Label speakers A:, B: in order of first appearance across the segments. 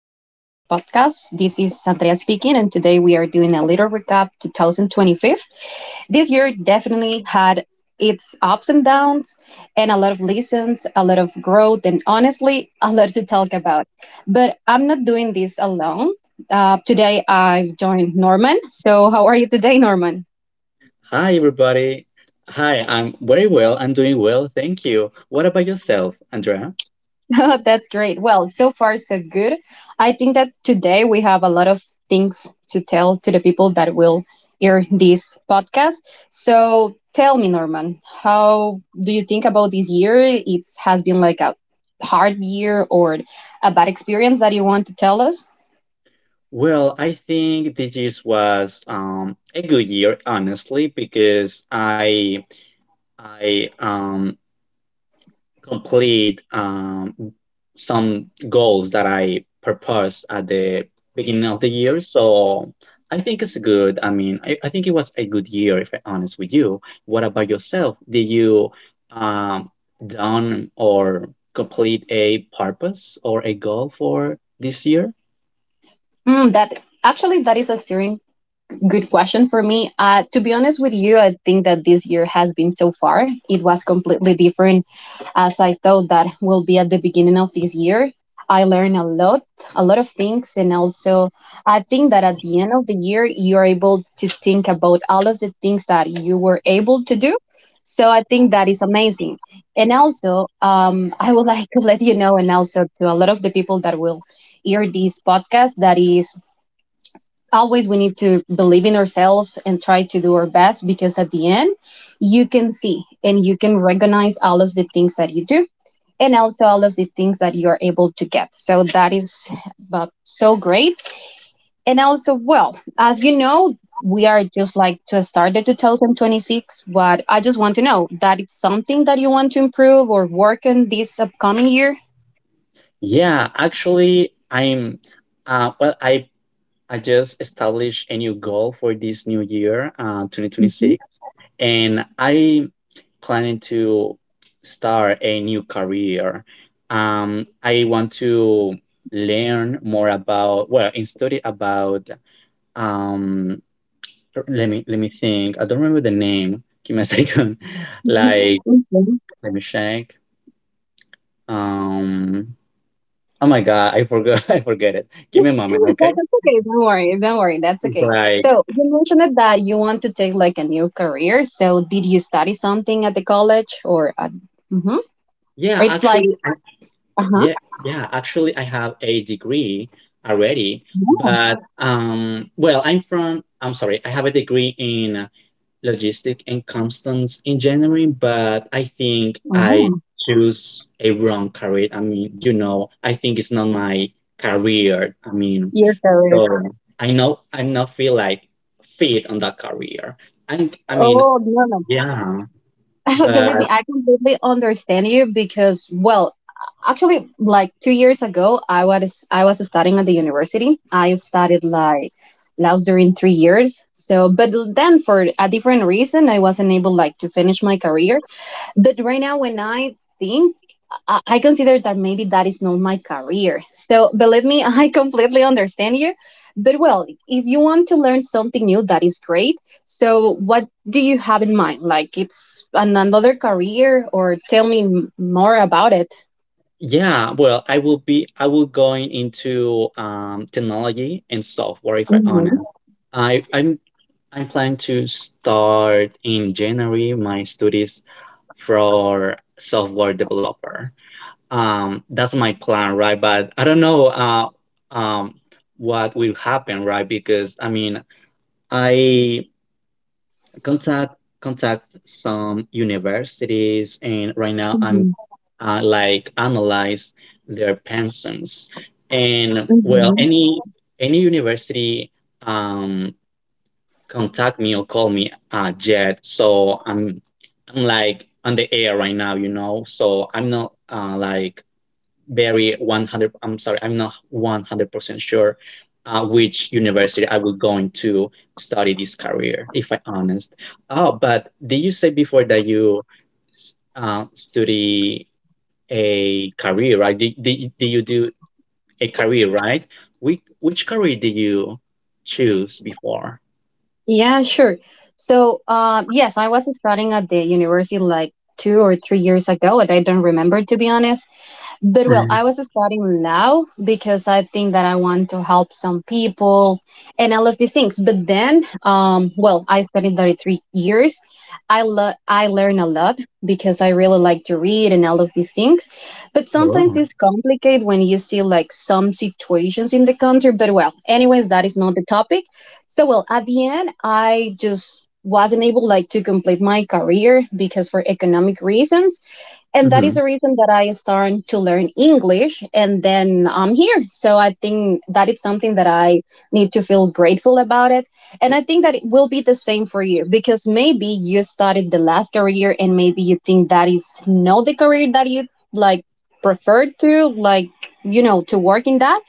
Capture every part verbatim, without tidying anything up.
A: podcast. This is Andrea speaking, and today we are doing a little recap twenty twenty-five. This year definitely had its ups and downs, and a lot of lessons, a lot of growth, and honestly, a lot to talk about. But I'm not doing this alone. Uh, today I joined Norman. So, how are you today, Norman?
B: Hi, everybody. Hi, I'm very well. I'm doing well. Thank you. What about yourself, Andrea?
A: That's great. Well, so far, so good. I think that today we have a lot of things to tell to the people that will hear this podcast. So tell me, Norman, how do you think about this year? It has been like a hard year or a bad experience that you want to tell us?
B: Well, I think this year was um, a good year, honestly, because I I um, complete um, some goals that I proposed at the beginning of the year. So I think it's good. I mean, I, I think it was a good year, if I'm honest with you. What about yourself? Did you um, done or complete a purpose or a goal for this year?
A: Mm, that actually that is a steering good question for me. Uh, to be honest with you, I think that this year has been so far. It was completely different as I thought that will be at the beginning of this year. I learned a lot, a lot of things, and also I think that at the end of the year, you're able to think about all of the things that you were able to do. So I think that is amazing. And also, um, I would like to let you know, and also to a lot of the people that will hear this podcast, that is always we need to believe in ourselves and try to do our best, because at the end, you can see and you can recognize all of the things that you do and also all of the things that you're able to get. So that is uh, so great. And also, well, as you know, we are just like to start the two thousand twenty-six, but I just want to know that it's something that you want to improve or work on this upcoming year.
B: Yeah, actually, I'm. Uh, well, I I just established a new goal for this new year, uh,
A: Mhm,
B: twenty twenty-six, and I planning to start a new career. Um, I want to learn more about, well, and study about um let me let me think. I don't remember the name. Give me a second.
A: mhm,
B: Like,
A: mhm.
B: let me check. Um oh my god, I forgot. I forget it. Give me a
A: No,
B: moment, okay?
A: that's okay. Don't worry. Don't worry. That's okay.
B: Like,
A: So you mentioned that you want to take like a new career. So did you study something at the college or at, mhm, or
B: yeah,
A: it's like
B: actually,
A: uh huh.
B: yeah, yeah. Actually, I have a degree already, but um, well, I'm from. I'm sorry, I have a degree in logistic and customs engineering, but I think I
A: Oh,
B: choose a wrong career. I mean, you know, I think it's not my career. I mean,
A: your career.
B: so I know I not feel like fit on that career. And I mean,
A: Oh, no,
B: yeah,
A: no. Believe me,
B: but.
A: I completely understand you because, well, actually, like two years ago, I was I was studying at the university. I studied like Laos during three years. So, but then for a different reason, I wasn't able like to finish my career. But right now, when I think I I consider that maybe that is not my career. So believe me, I completely understand you. But well, if you want to learn something new, that is great. So what do you have in mind? Like it's an, another career, or tell me m- more about it.
B: Yeah, well, I will be I will going into, um, technology and software if I
A: Mhm,
B: honor. I I'm I'm planning to start in January my studies for software developer. Um, that's my plan, right? But I don't know uh um what will happen, right? Because I mean, I contact contact some universities and right now I'm
A: mhm,
B: uh, like analyze their pensions. And well,
A: mhm.
B: any any university um, contact me or call me uh, Jed. So I'm I'm like on the air, right now, you know. So I'm not uh, like very one hundred. I'm sorry, I'm not one hundred percent sure uh, which university I will go into study this career. If I honest. Oh, but did you say before that you s- uh, study a career, right? Did, did, did you do a career, right? Which, which career did you choose before?
A: Yeah, sure. So, um, yes, I was studying at the university like two or three years ago, and I don't remember, to be honest. But well,
B: Mm.
A: I was studying now because I think that I want to help some people and all of these things. But then, um, well, I studied thirty-three years. I lo- I learn a lot because I really like to read and all of these things. But
B: Oh.
A: sometimes it's complicated when you see like some situations in the country. But well, anyways, that is not the topic. So well, at the end, I just wasn't able like to complete my career because for economic reasons, and that
B: hmm
A: is the reason that I started to learn English. And then I'm here, so I think that it's something that I need to feel grateful about it. And I think that it will be the same for you, because maybe you started the last career and maybe you think that is not the career that you like preferred to, like, you know to work in that.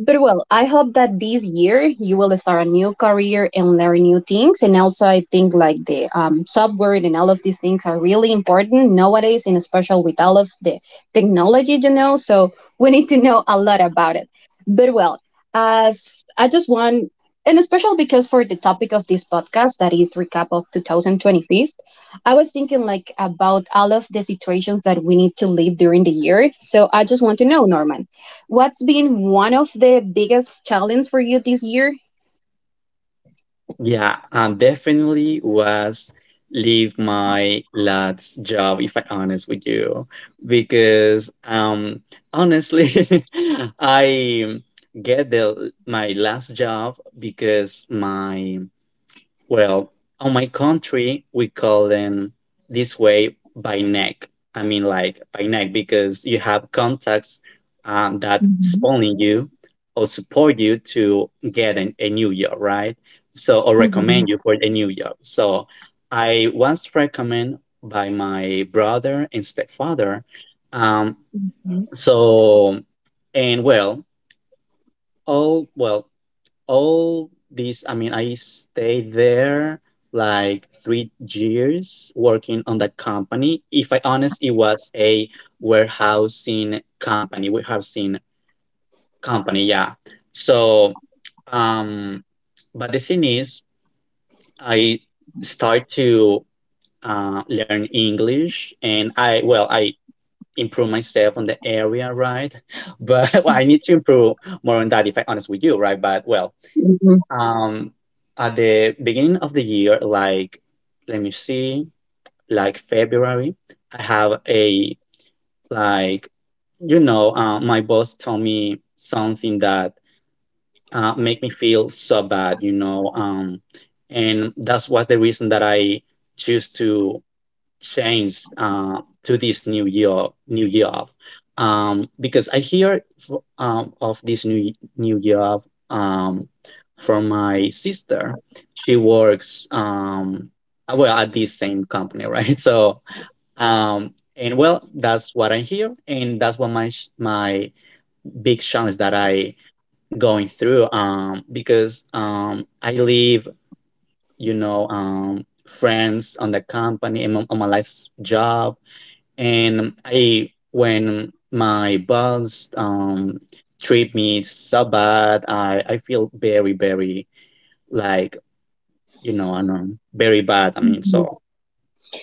A: But well, I hope that this year you will start a new career and learn new things. And also, I think like the um, software and all of these things are really important nowadays, and especially with all of the technology, you know. So we need to know a lot about it. But well, as I just want, and especially because for the topic of this podcast, that is recap of two thousand twenty-five, I was thinking like about all of the situations that we need to live during the year. So I just want to know, Norman, what's been one of the biggest challenges for you this year?
B: Yeah, and definitely was leave my last job if I honest with you, because um honestly I get the my last job because my, well, on my country, we call them this way by neck. I mean, like by neck, because you have contacts um, that
A: Mhm,
B: spawning you or support you to get an, a new job, right? So, or
A: mhm,
B: recommend you for a new job. So, I was recommended by my brother and stepfather. Um,
A: mhm,
B: so, and well, all well all these, I mean, I stayed there like three years working on that company, if I honest. It was a warehousing company, warehousing company yeah. So um but the thing is, I start to uh, learn English, and I, well, I improve myself on the area, right? But, well, I need to improve more on that, if I honest with you, right? But well,
A: mhm,
B: um, at the beginning of the year, like, let me see, like February, I have a, like, you know, uh, my boss told me something that uh, make me feel so bad, you know, um, and that's what the reason that I choose to change uh, to this new year new job, um, because I hear f- um, of this new new job um, from my sister. She works um, well at this same company, right? So um, and well, that's what I hear, and that's what my sh- my big challenge that I going through, um, because um, I leave, you know. Um, friends on the company and on on my last job, and I, when my boss um treat me so bad, I I feel very, very, like you know I know, very bad. I mean,
A: mhm.
B: so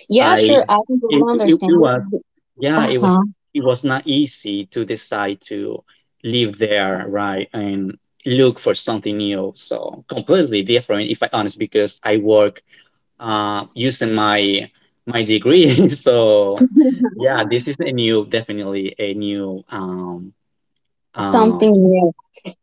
A: Yeah,
B: I
A: sure. I can
B: it,
A: totally
B: it,
A: understand
B: it was
A: it.
B: yeah
A: Uh
B: it was
A: huh.
B: it was not easy to decide to live there, right, and look for something new, so completely different, if I honest, because I work uh, using my my degree. So yeah, this is a new, definitely a new um um.
A: Something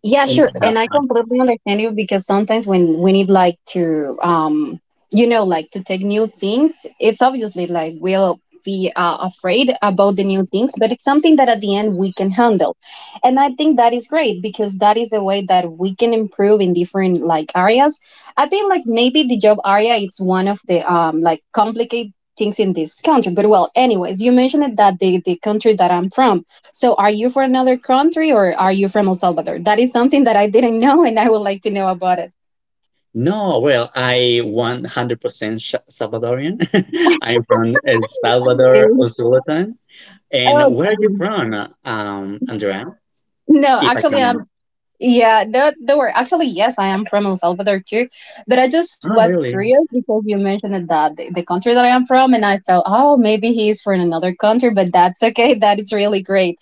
A: Yeah, sure. And I completely understand you because sometimes when we need like to um you know like to take new things, it's obviously like we'll be uh, afraid about the new things, but it's something that at the end we can handle. And I think that is great because that is a way that we can improve in different like areas. I think like maybe the job area, it's one of the um like complicated things in this country. But well, anyways, you mentioned it that the the country that I'm from. So, are you from another country or are you from El Salvador? That is something that I didn't know and I would like to know about it.
B: No, well, I one hundred percent Sha- Salvadorian. I'm from El Salvador,
A: Okay.
B: Usulatan. And where are you
A: Okay.
B: from, um, Andrea?
A: No,
B: If I
A: actually,
B: can ask.
A: um, yeah, no, don't worry. Actually, yes, I am from El Salvador too. But I just
B: Oh,
A: was
B: really?
A: curious because you mentioned it that the, the country that I am from, and I thought, oh, maybe he is from another country, but that's okay. That is really great.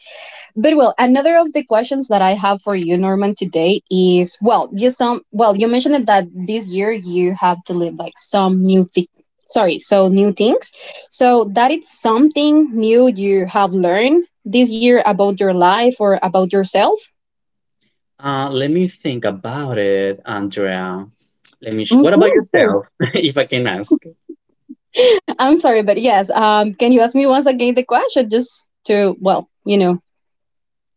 A: But well, another of the questions that I have for you, Norman, today is, well, you some well, you mentioned it that this year you have to live like some new thing. Sorry, so new things. So that it's something new you have learned this year about your life or about yourself?
B: Uh, let me think about it, Andrea. Let me. Sh- what
A: Okay,
B: about
A: sure.
B: yourself, if I can ask?
A: I'm sorry, but yes. Um, can you ask me once again the question just to, well, you know?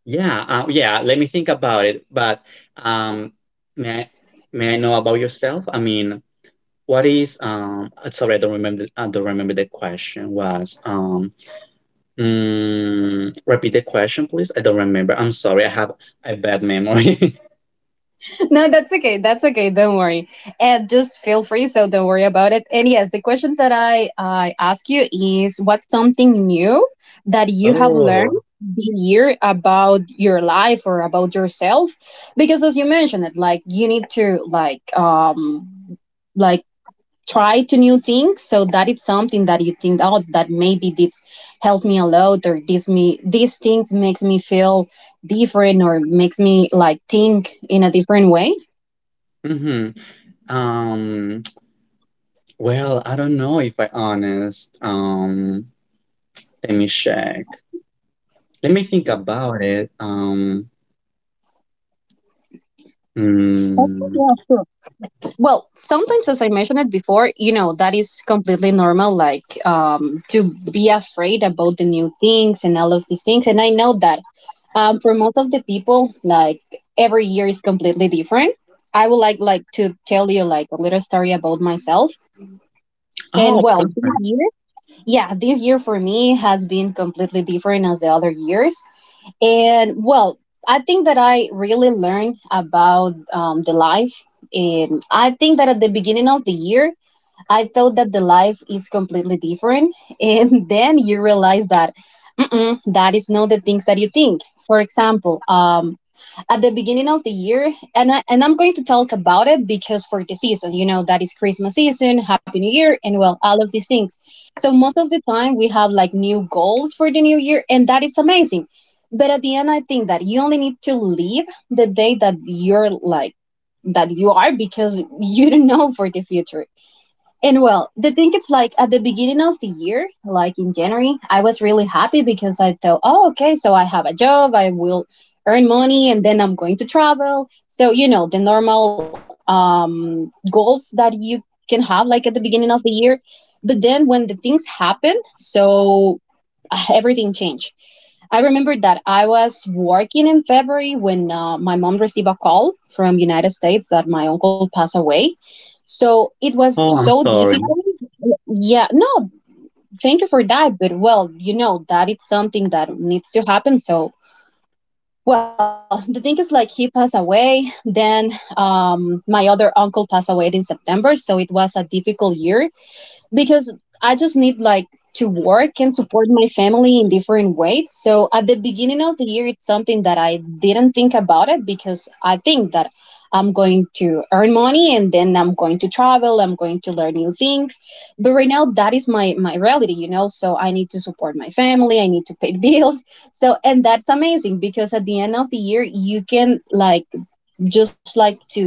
B: Yeah, uh, yeah, let me think about it. But um, may I, may I know about yourself? I mean, what is um? Uh, Sorry, I don't remember. I don't remember the question was um. Mm, repeat the question, please. I don't remember. I'm sorry. I have a bad memory.
A: No, that's okay. That's okay. Don't worry. And just feel free, so don't worry about it. And yes, the question that I I ask you is, what's something new that you have learned
B: Oh.
A: this year about your life or about yourself? Because as you mentioned it, like you need to like um like try to new things, so that it's something that you think, oh, that maybe this helps me a lot or this me these things makes me feel different or makes me like think in a different way.
B: Mm-hmm. Um. Well, I don't know, if I honest. Um. Let me check. Let me think about it. Um.
A: Okay,
B: Mm,
A: yeah, sure. Well, sometimes, as I mentioned it before, you know, that is completely normal, like um, to be afraid about the new things and all of these things. And I know that um, for most of the people, like every year is completely different. I would like like to tell you like a little story about myself. And
B: oh,
A: well,
B: perfect.
A: this yeah, this year for me has been completely different as the other years. And well, I think that I really learned about um, the life. And I think that at the beginning of the year, I thought that the life is completely different. And then you realize that mm-mm, that is not the things that you think. For example, um, at the beginning of the year, and I, and I'm going to talk about it, because for the season you know that is Christmas season, happy new year, and well, all of these things. So most of the time we have like new goals for the new year, and that is amazing, but at the end I think that you only need to live the day that you're like that you are, because you don't know for the future. And well, the thing it's like at the beginning of the year, like in January, I was really happy because I thought, oh, okay, so I have a job, I will earn money, and then I'm going to travel. So, you know, the normal um, goals that you can have like at the beginning of the year. But then when the things happened, so everything changed. I remembered that I was working in February when uh, my mom received a call from United States that my uncle passed away. So it was
B: Oh, I'm
A: so
B: sorry.
A: difficult. Yeah, no, thank you for that. But well, you know that it's something that needs to happen. So well, the thing is like he passed away. Then um, my other uncle passed away in September. So it was a difficult year because I just need like to work and support my family in different ways. So at the beginning of the year, it's something that I didn't think about it, because I think that I'm going to earn money and then I'm going to travel, I'm going to learn new things. But right now, that is my my reality, you know. So I need to support my family, I need to pay bills. So and that's amazing because at the end of the year, you can like just like to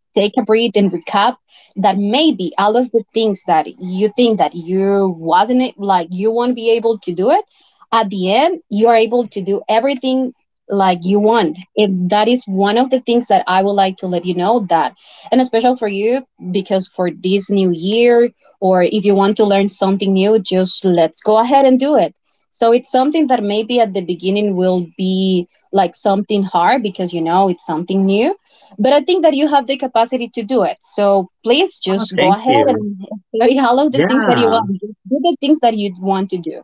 A: take a breath and recap that maybe all of the things that you think that you wasn't like you won't be able to do it, at the end you're able to do everything like you want. And that is one of the things that I would like to let you know, that and especially for you, because for this new year, or if you want to learn something new, just let's go ahead and do it. So it's something that maybe at the beginning will be like something hard because you know it's something new, but I think that you have the capacity to do it. So please
B: Oh,
A: just go
B: thank
A: ahead
B: you.
A: and explore all of the things that you
B: Yeah,
A: want. Do the things that you want to do.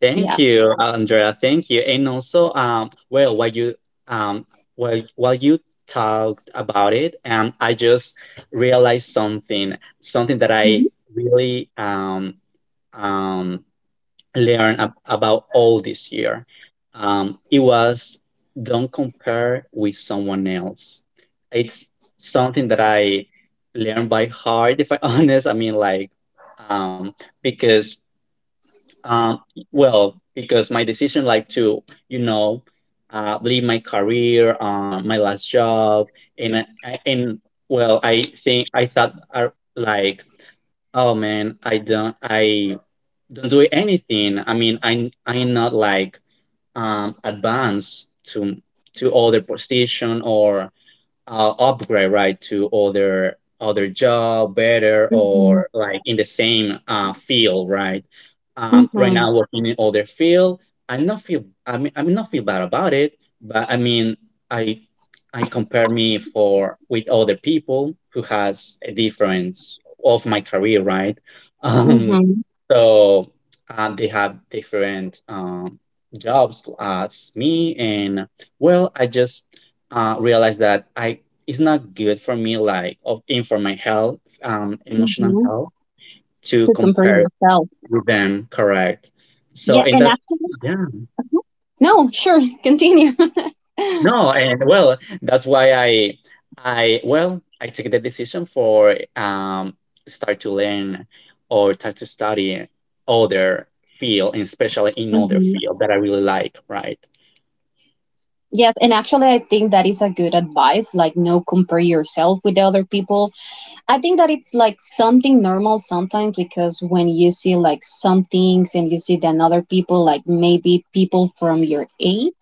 B: thank
A: Yeah.
B: you, Andrea. Thank you. And also, um, well, while you um, while while you talked about it, um, I just realized something, something that I
A: Mm-hmm.
B: really um um learned ab- about all this year. Um, it was don't compare with someone else. It's something that I learned by heart, if I'm honest. I mean, like, um, because Um, well, because my decision, like, to, you know, uh, leave my career, uh, my last job, and I- I- and well, I think I thought, uh, like, oh man, I don't, I don't do anything. I mean, I I'm not, like, um advanced to to other position, or uh, upgrade, right, to other other job, better,
A: Mm-hmm.
B: or like in the same uh, field, right? um, right now working in other field, I not feel, I mean, i mean not feel bad about it, but I mean, i i compare me for with other people who has a difference of my career, right? um
A: Mm-hmm.
B: so uh, they have different um jobs as me, and well, I just uh, realized that I it's not good for me, like of, in for my health, um, emotional
A: Mm-hmm.
B: health, to
A: To temper
B: compare
A: yourself.
B: with them. Correct. So
A: Yeah.
B: in
A: And
B: that,
A: actually,
B: yeah,
A: uh-huh. No, sure. Continue.
B: no, and well, that's why I, I well, I took the decision for um start to learn or start to study other field, and especially in other
A: Mhm.
B: field that I really like. Right.
A: Yes, and actually, I think that is a good advice. Like, no, compare yourself with other people. I think that it's like something normal sometimes, because when you see like some things and you see then other people, like maybe people from your age,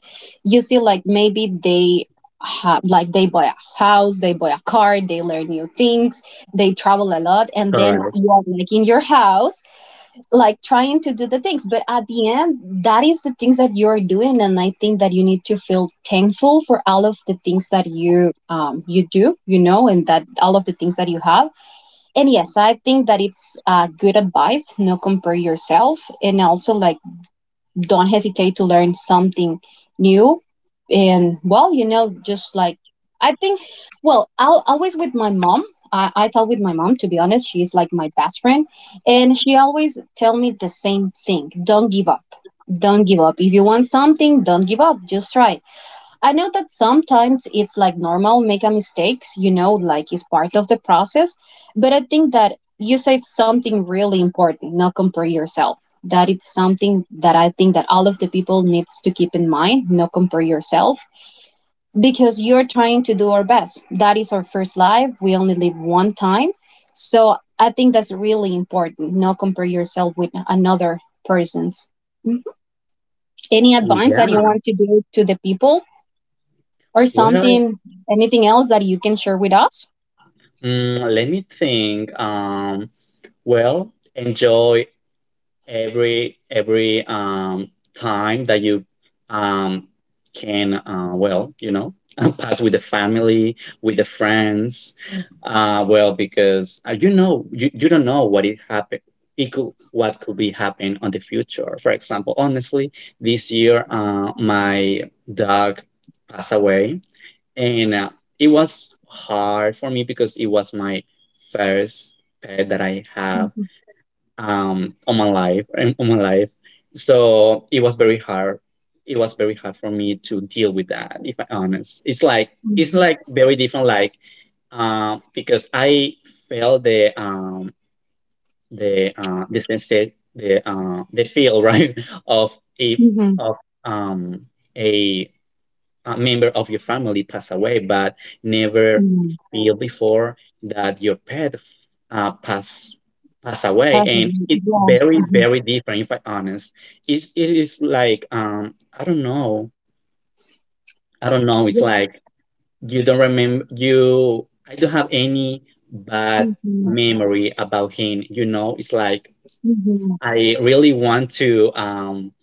A: you see like maybe they have like they buy a house, they buy a car, they learn new things, they travel a lot, and
B: Correct.
A: then you are like in your house, like trying to do the things. But at the end, that is the things that you are doing, and I think that you need to feel thankful for all of the things that you um you do, you know, and that all of the things that you have. And yes, I think that it's uh, good advice. No compare yourself, and also like don't hesitate to learn something new. And well, you know, just like I think, well, I'll always with my mom. I, I talk with my mom to be honest. She's like my best friend, and she always tell me the same thing: don't give up, don't give up. If you want something, don't give up. Just try. I know that sometimes it's like normal making mistakes, you know, like it's part of the process. But I think that you said something really important, not compare yourself. That it's something that I think that all of the people needs to keep in mind, not compare yourself. Because you're trying to do our best. That is our first life. We only live one time. So I think that's really important. Not compare yourself with another person's. Mhm. Any advice that you
B: Yeah.
A: want to give to the people or
B: Well,
A: something, anything else that you can share with us?
B: mm, let me think. Um, well, enjoy every every um, time that you um, can, uh, well, you know pass with the family, with the friends, uh, well, because, uh, you know you, you don't know what it happened it could what could be happening on the future. For example, honestly, this year uh, my dog passed away, and uh, it was hard for me because it was my first pet that I have,
A: Mhm,
B: um, on my life and on my life. So it was very hard. It was very hard for me to deal with that. If I'm honest, it's like, it's
A: mhm,
B: like very different. Like, uh, because I felt the, um, the uh, the sense, the uh, the feel, right, of a,
A: mhm,
B: of um, a a member of your family pass away, but never
A: mhm.
B: feel before that your pet uh, pass pass away,
A: Perfect.
B: and it's
A: Yeah.
B: very,
A: Mhm.
B: very different. If I honest, it it is like, um I don't know I don't know. It's
A: Yeah.
B: like you don't remember you. I don't have any bad
A: Mhm,
B: memory about him. You know, it's like,
A: mhm.
B: I really want to, um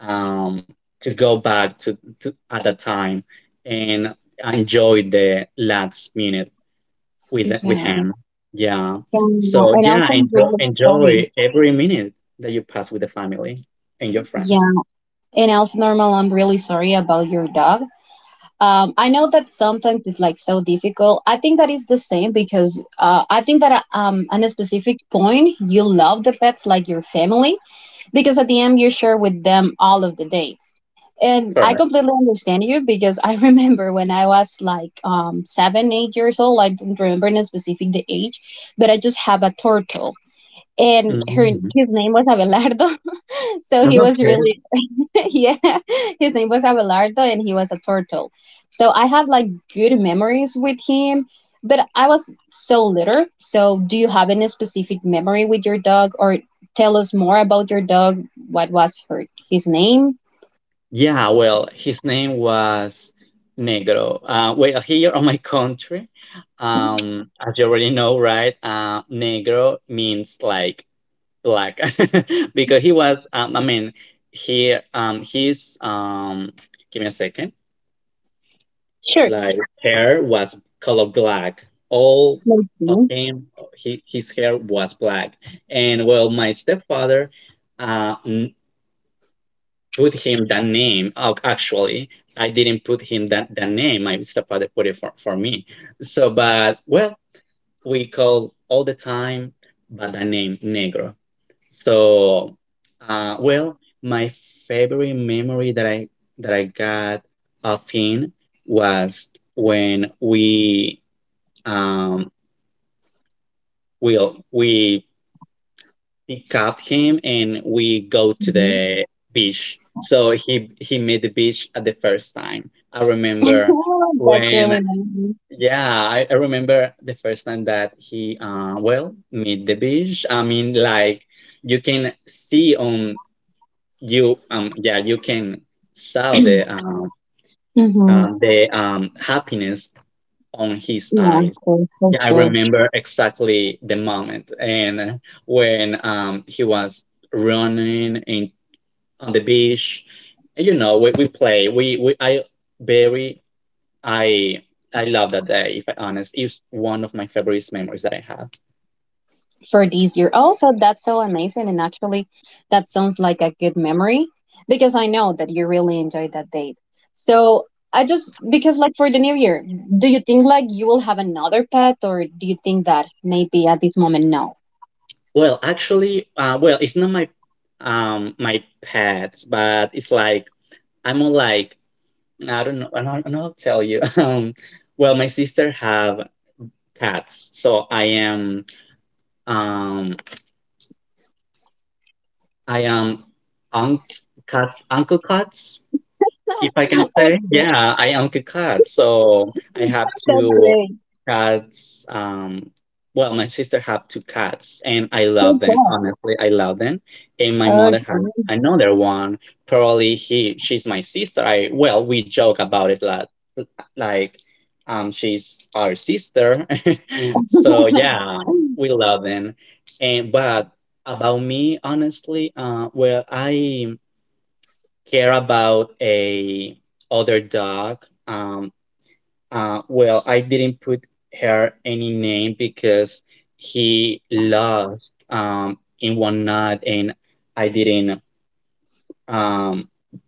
B: um, to go back to, to at that time and enjoy the last minute with with
A: Yeah.
B: him. Yeah.
A: And, uh,
B: So
A: and
B: yeah,
A: also, I'm
B: enjoy,
A: really sorry.
B: enjoy every minute that you pass with the family and your friends.
A: Yeah. And also, Normal, I'm really sorry about your dog. Um, I know that sometimes it's like so difficult. I think that is the same because uh, I think that uh, um, at a specific point, you love the pets like your family. Because at the end you share with them all of the dates, and I
B: Correct.
A: completely understand you because I remember when I was like um seven eight years old, I don't remember the specific the age, but I just have a turtle and her
B: Mhm.
A: his name was Abelardo. So he was
B: Okay.
A: really yeah, his name was Abelardo and he was a turtle. So I have like good memories with him, but I was so little. So do you have any specific memory with your dog or tell us more about your dog? What was her his name?
B: Yeah, well, his name was Negro. Uh, well, here on my country, um, as you already know, right? Uh, Negro means like black because he was. Um, I mean, he um his um. Give me a second.
A: Sure.
B: Like, hair was color black. All of
A: Mm-hmm.
B: him, he, his hair was black. And well, my stepfather, uh, put him that name. Oh, actually, I didn't put him that, that name, my stepfather put it for, for me, so. But well, we call all the time by the name Negro. So uh, well, my favorite memory that i that i got of him was when we um we we pick up him and we go to the beach. So he he made the beach at the first time. I remember
A: That's
B: when,
A: really nice.
B: yeah, I, I remember the first time that he uh well made the beach. I mean, like, you can see, on you um yeah, you can saw the um,
A: Mm-hmm.
B: um the um happiness on his
A: Yeah,
B: eyes.
A: for, for
B: Yeah, I
A: sure.
B: remember exactly the moment, and uh, when, um, he was running in on the beach. You know, we, we play. We, we I very I I love that day. If I honest, it's one of my favorite memories that I have.
A: For this year. Also, that's so amazing. And actually, that sounds like a good memory because I know that you really enjoyed that date. So, I just, because like for the new year, do you think like you will have another pet or do you think that maybe at this moment, no?
B: Well, actually, uh, well, it's not my um my pets, but it's like I'm more like I don't know. I don't, I don't know how to tell you. Um, well, my sister have cats, so I am Um, I am Unc- Uncle Cuts, if I can say.
A: Okay,
B: Yeah, I own a cat, so I have
A: that's
B: two
A: great.
B: cats. Um, well, my sister have two cats, and I love
A: Good
B: them.
A: call.
B: Honestly, I love them. And my mother
A: Okay.
B: has another one. Probably he, she's my sister. I well, we joke about it, like, like, um, she's our sister. Mm. So yeah, we love them. And but about me, honestly, uh, well, I care about a other dog. Um, uh, well, I didn't put her any name because he lost um, in one night, and I didn't um,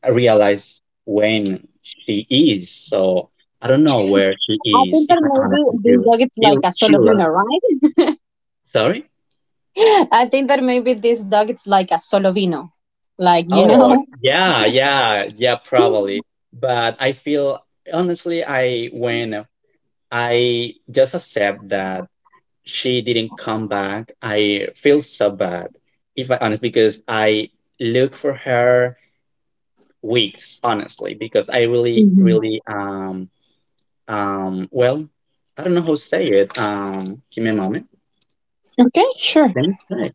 B: realize when she is. So I don't know where
A: I
B: she is.
A: think
B: If
A: that
B: I
A: maybe
B: honestly
A: this
B: do,
A: dog is
B: she
A: like a
B: she lo-
A: solovino, right?
B: sorry.
A: I think that maybe this dog is like a solovino, like you
B: Oh
A: know.
B: yeah, yeah, yeah, probably. But I feel honestly, I went I just accept that she didn't come back. I feel so bad, if I honest, because I look for her weeks, honestly, because I really,
A: Mhm.
B: really, um, um, well, I don't know how to say it. Um, give me a moment.
A: Okay, sure.
B: Let me think.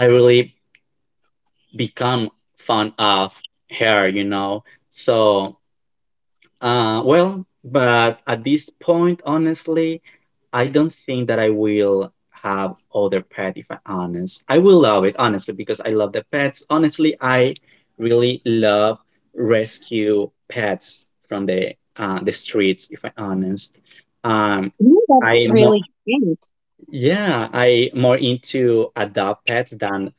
B: I really become fond of her, you know. So Uh, well, but at this point, honestly, I don't think that I will have other pet if I'm honest. I will love it, honestly, because I love the pets. Honestly, I really love rescue pets from the uh, the streets, if I'm honest. Um,
A: Yeah,
B: I
A: that's
B: mo-
A: really great.
B: yeah, I more into adopt pets than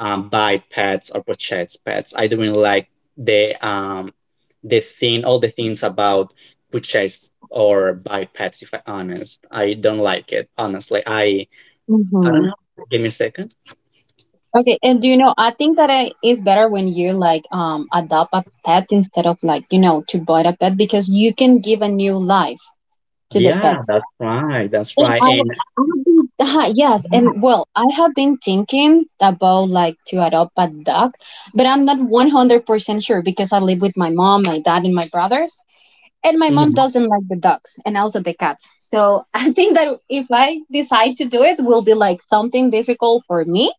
B: um, buy pets or purchase pets. I don't really like the um the thing, all the things about purchase or buy pets. If I'm honest, I don't like it. Honestly, I I don't
A: Hmm.
B: know. Give me a second.
A: Okay, and do you know, I think that it is better when you like um adopt a pet instead of like you know to buy a pet, because you can give a new life to the
B: Yeah,
A: pets.
B: that's right. That's
A: And
B: right.
A: I,
B: And
A: I have been, yes, and well, I have been thinking about like to adopt a dog, but I'm not one hundred percent sure because I live with my mom, my dad, and my brothers. And my mom doesn't like the dogs and also the cats. So I think that if I decide to do it, will be like something difficult for me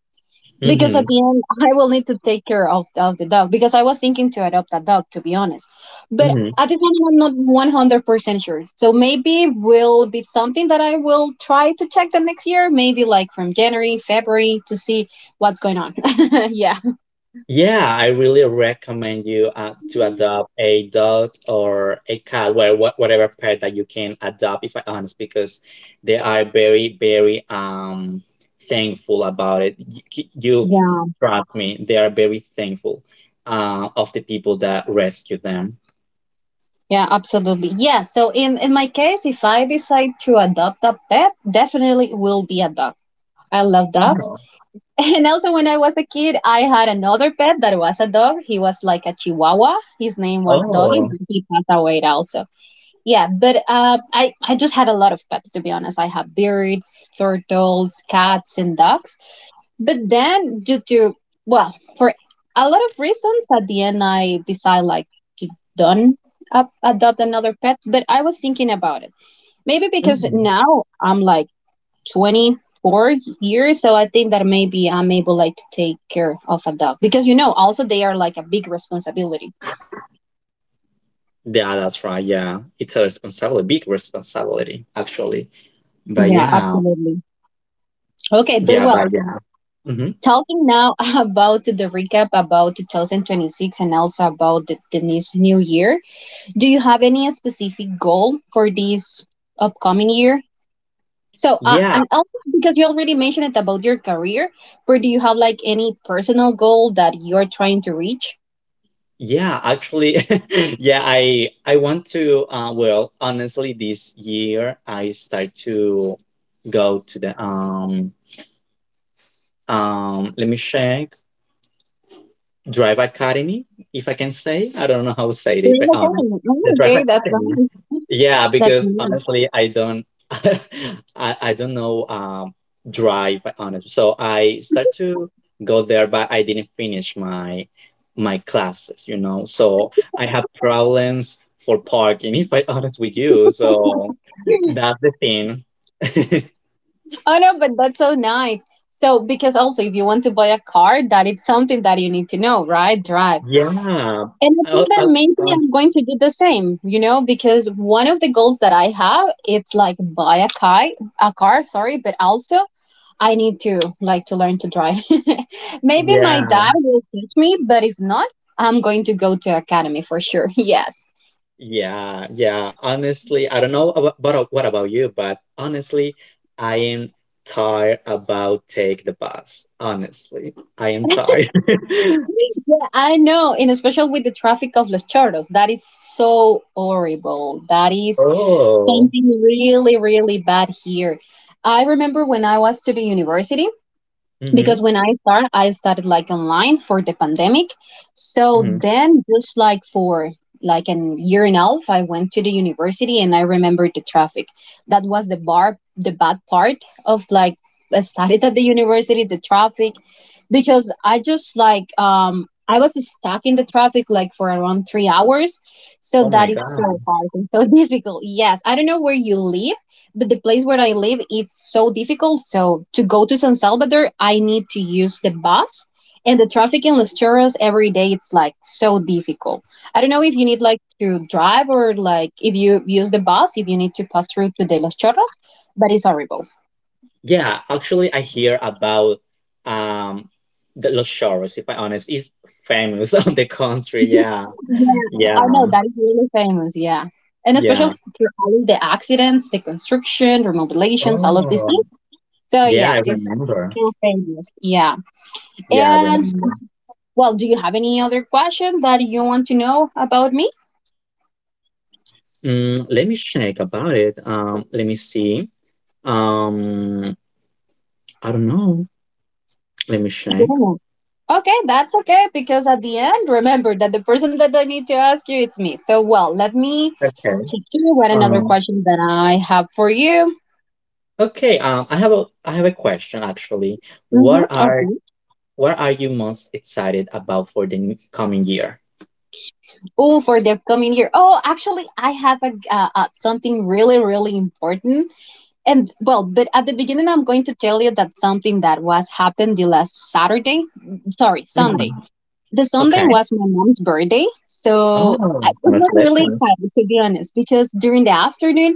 A: because at
B: hmm
A: the end I will need to take care of, of the dog, because I was thinking to adopt a dog to be honest. But
B: hmm
A: at the moment I'm not one hundred percent sure. So maybe will be something that I will try to check the next year, maybe like from January, February to see what's going on. Yeah.
B: yeah, I really recommend you uh, to adopt a dog or a cat, where wha- whatever pet that you can adopt, if I honest, because they are very, very um thankful about it. You, c- you c-
A: Yeah.
B: trust me, they are very thankful uh, of the people that rescue them.
A: Yeah, absolutely. Yeah, so in in my case, if I decide to adopt a pet, definitely it will be a dog. I love dogs.
B: Oh,
A: And also when I was a kid, I had another pet that was a dog. He was like a chihuahua. His name was Doggy, but
B: oh.
A: he passed away also. Yeah, but uh, I I just had a lot of pets to be honest. I have birds, turtles, cats, and dogs. But then, due to, well, for a lot of reasons, at the end, I decide like to don't up, adopt another pet. But I was thinking about it. Maybe because now
B: Mhm.
A: I'm like twenty-four years. So I think that maybe I'm able like to take care of a dog because, you know, also they are like a big responsibility.
B: Yeah, that's right. Yeah, it's a responsibility, big responsibility, actually. But
A: Yeah,
B: yeah,
A: absolutely. Okay, but
B: yeah,
A: well,
B: but yeah. hmm
A: talking now about the recap about twenty twenty-six and also about the, the this new year, do you have any specific goal for this upcoming year? So, uh, and
B: Yeah,
A: also because you already mentioned it about your career, but do you have like any personal goal that you're trying to reach?
B: yeah, actually, yeah, I I want to. Uh, well, honestly, this year I start to go to the um um. Let me check. Drive Academy, if I can say. I don't know how to say it. If
A: Great.
B: I, um,
A: Okay. Oh,
B: the Drive
A: okay, that's
B: Academy.
A: nice.
B: Yeah,
A: That's
B: because
A: nice.
B: honestly, I don't, I, I don't know um drive honestly. So I start to go there, but I didn't finish my my classes, you know. So I have problems for parking, if I honest with you. So that's the thing.
A: Oh no, but that's so nice. So because also if you want to buy a car, that it's something that you need to know, right? Drive.
B: Yeah.
A: And I think
B: I'll,
A: that
B: I'll,
A: maybe
B: I'll-
A: I'm going to do the same, you know, because one of the goals that I have, it's like buy a car, a car, sorry, but also I need to like to learn to drive. Maybe my
B: yeah.
A: dad will teach me, but if not, I'm going to go to academy for sure. Yes.
B: Yeah, yeah. Honestly, I don't know about, about what about you, but honestly, I am tired about take the bus. Honestly, I am tired.
A: I know, and especially with the traffic of Los Chorros, that is so horrible. That is
B: Oh.
A: something really, really bad here. I remember when I was to the university, because
B: Mm-hmm.
A: when I start, I started like online for the pandemic. So
B: Mm-hmm.
A: then, just like for like an year and a half, I went to the university and I remembered the traffic. That was the bar, the bad part of like I studied at the university, the traffic, because I just like um I was stuck in the traffic like for around three hours. So
B: Oh my
A: that is
B: God.
A: so hard and so difficult. Yes, I don't know where you live, but the place where I live it's so difficult. So to go to San Salvador, I need to use the bus. And the traffic in Los Chorros every day it's like so difficult. I don't know if you need like to drive or like if you use the bus, if you need to pass through to the Los Chorros, but it's horrible.
B: Yeah, actually, I hear about um the Los Choros, if I honest, is famous on the country. Yeah,
A: Yeah, I know
B: yeah,
A: that is really famous, yeah. And especially
B: yeah.
A: for all of the accidents, the construction, remodelations, all of these
B: Oh,
A: things. So
B: yeah,
A: yes,
B: I
A: it's
B: remember.
A: so famous. Yeah.
B: Yeah, I
A: And
B: remember.
A: well, do you have any other question that you want to know about me?
B: Mm, let me check about it. Um, let me see. Um, I don't know. Let me check.
A: Yeah. Okay, that's okay because at the end, remember that the person that I need to ask you it's me. So, well, let me
B: Okay.
A: check to you what another
B: Um,
A: question that I have for you.
B: okay. Um, I have a I have a question, actually.
A: Mm-hmm.
B: What are
A: Okay.
B: what are you most excited about for the n- coming year?
A: Oh, for the upcoming year. Oh, actually, I have a uh, uh, something really, really important. And well, but at the beginning, I'm going to tell you that something that was happened the last Saturday. Sorry,
B: Mhm.
A: Sunday. The Sunday
B: Okay.
A: was my mom's birthday, so
B: Oh,
A: I- it was really
B: congratulations.
A: exciting to be honest. Because during the afternoon,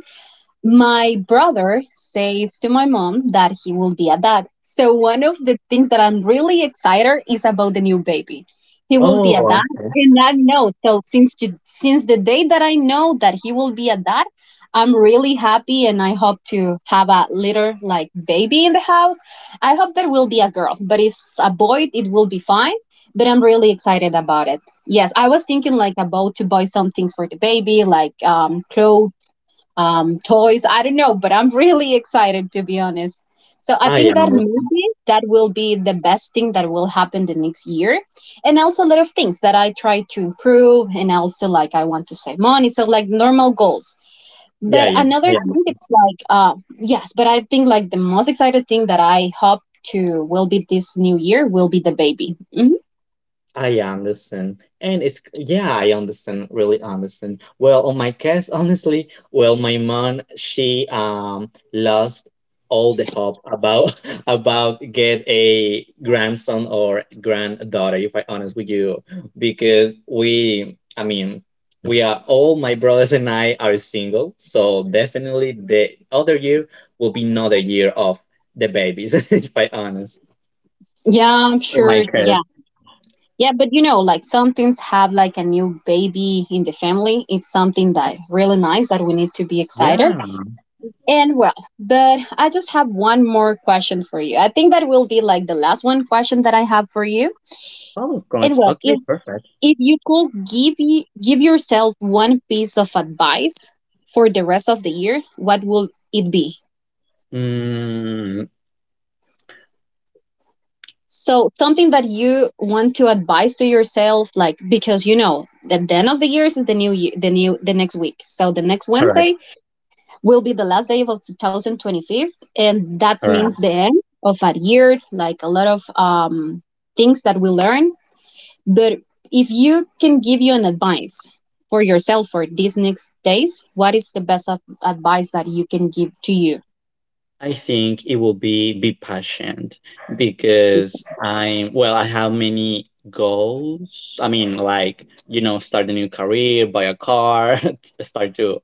A: my brother says to my mom that he will be a dad. So one of the things that I'm really excited is about the new baby. He will be a dad,
B: Oh, okay.
A: and I know. So since to, since the day that I know that he will be a dad, I'm really happy, and I hope to have a little like baby in the house. I hope that will be a girl, but if it's a boy, it will be fine. But I'm really excited about it. Yes, I was thinking like about to buy some things for the baby, like um clothes, um, toys. I don't know, but I'm really excited to be honest. So I
B: I
A: think that
B: am.
A: maybe that will be the best thing that will happen the next year. And also a lot of things that I try to improve and also like I want to save money. So like normal goals.
B: Yeah,
A: But
B: yeah.
A: another
B: I am.
A: thing it's like uh yes, but I think like the most excited thing that I hope to will be this new year will be the baby. Mhm.
B: I understand. And it's yeah, I understand, really understand. Well, on my case, honestly, well, my mom, she um lost all the hope about about get a grandson or granddaughter, if I honest with you, because we, I mean, we are all my brothers and I are single, so definitely the other year will be another year of the babies, if I honest.
A: Yeah, I'm
B: In my
A: sure. Yeah.
B: case,
A: Yeah, but you know, like some things have like a new baby in the family. It's something that really nice that we need to be excited.
B: yeah.
A: And well, but I just have one more question for you. I think that will be like the last one question that I have for you. And
B: Powerpoints.
A: well,
B: Okay,
A: if
B: perfect.
A: if you could give y- give yourself one piece of advice for the rest of the year, what will it be?
B: Mm,
A: So, something that you want to advise to yourself, like because you know that the end of the years is the new year, the new the next week. So the next Wednesday
B: correct,
A: will be the last day of twenty twenty-five, and that
B: correct.
A: means the end of a year. Like a lot of um, things that we learn. But if you can give you an advice for yourself for these next days, what is the best ad- advice that you can give to you?
B: I think it will be be patient because I'm well. I have many goals. I mean, like you know, start a new career, buy a car, start to.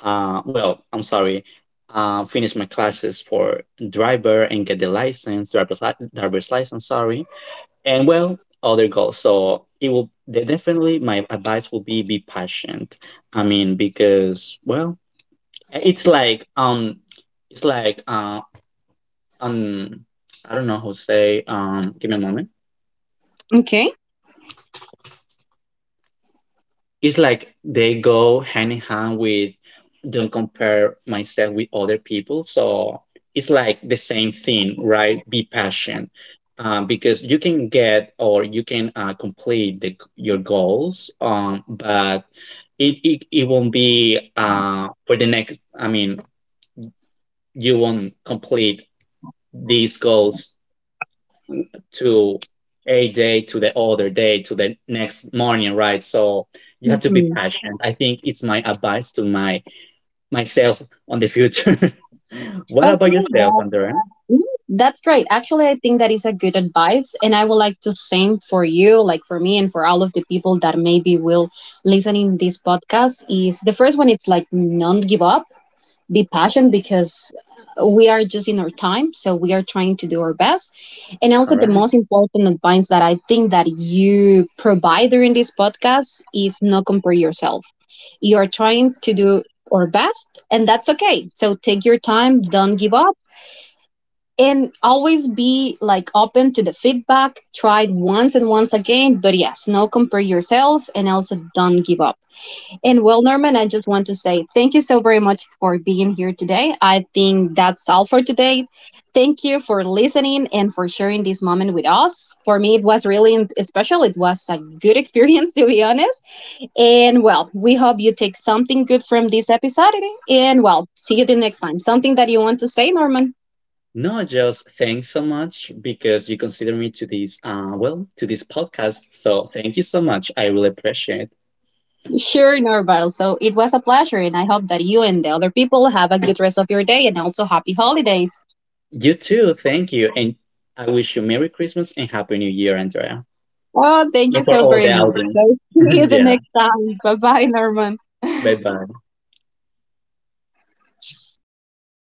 B: Uh, well, I'm sorry. Uh, finish my classes for driver and get the license, driver's li- driver's license. Sorry, and well other goals, so it will de- definitely my advice will be be patient. I mean, because well it's like um it's like uh um I don't know how to say, um give me a moment.
A: Okay.
B: It's like they go hand in hand with don't compare myself with other people, so it's like the same thing, right? Be patient, um, because you can get or you can uh, complete the, your goals, um, but it it, it won't be uh for the next, I mean, you won't complete these goals to a day to the other day to the next morning, right? So you have to be
A: Mhm.
B: patient. I think it's my advice to my myself on the future. What
A: Okay.
B: about yourself, Andrea
A: Mm, That's great. Actually, I think that is a good advice, and I would like to same for you, like for me, and for all of the people that maybe will listen in this podcast. Is the first one? It's like don't give up, be passionate because we are just in our time, so we are trying to do our best. And also, the
B: Cara?
A: most important advice that I think that you provide during this podcast is not compare yourself. You are trying to do our best, and that's okay. So take your time. Don't give up and always be like open to the feedback, try it once and once again, but yes, no compare yourself, and also don't give up. And well, Norman, I just want to say thank you so very much for being here today. I think that's all for today. Thank you for listening and for sharing this moment with us. For me it was really im- special. It was a good experience to be honest. And well, we hope you take something good from this episode, and well, see you the next time. Something that you want to say, Norman?
B: No, just thanks so much because you consider me to this uh well to this podcast, so thank you so much. I really appreciate.
A: Sure, Norval. So it was a pleasure, and I hope that you and the other people have a good rest of your day and also happy holidays.
B: You too. Thank you. And I wish you Merry Christmas and Happy New Year, Andrea.
A: Oh, thank you
B: And for
A: so
B: all the
A: very much.
B: audience.
A: So see you the
B: Yeah.
A: next time. Bye bye, Norman.
B: Bye bye.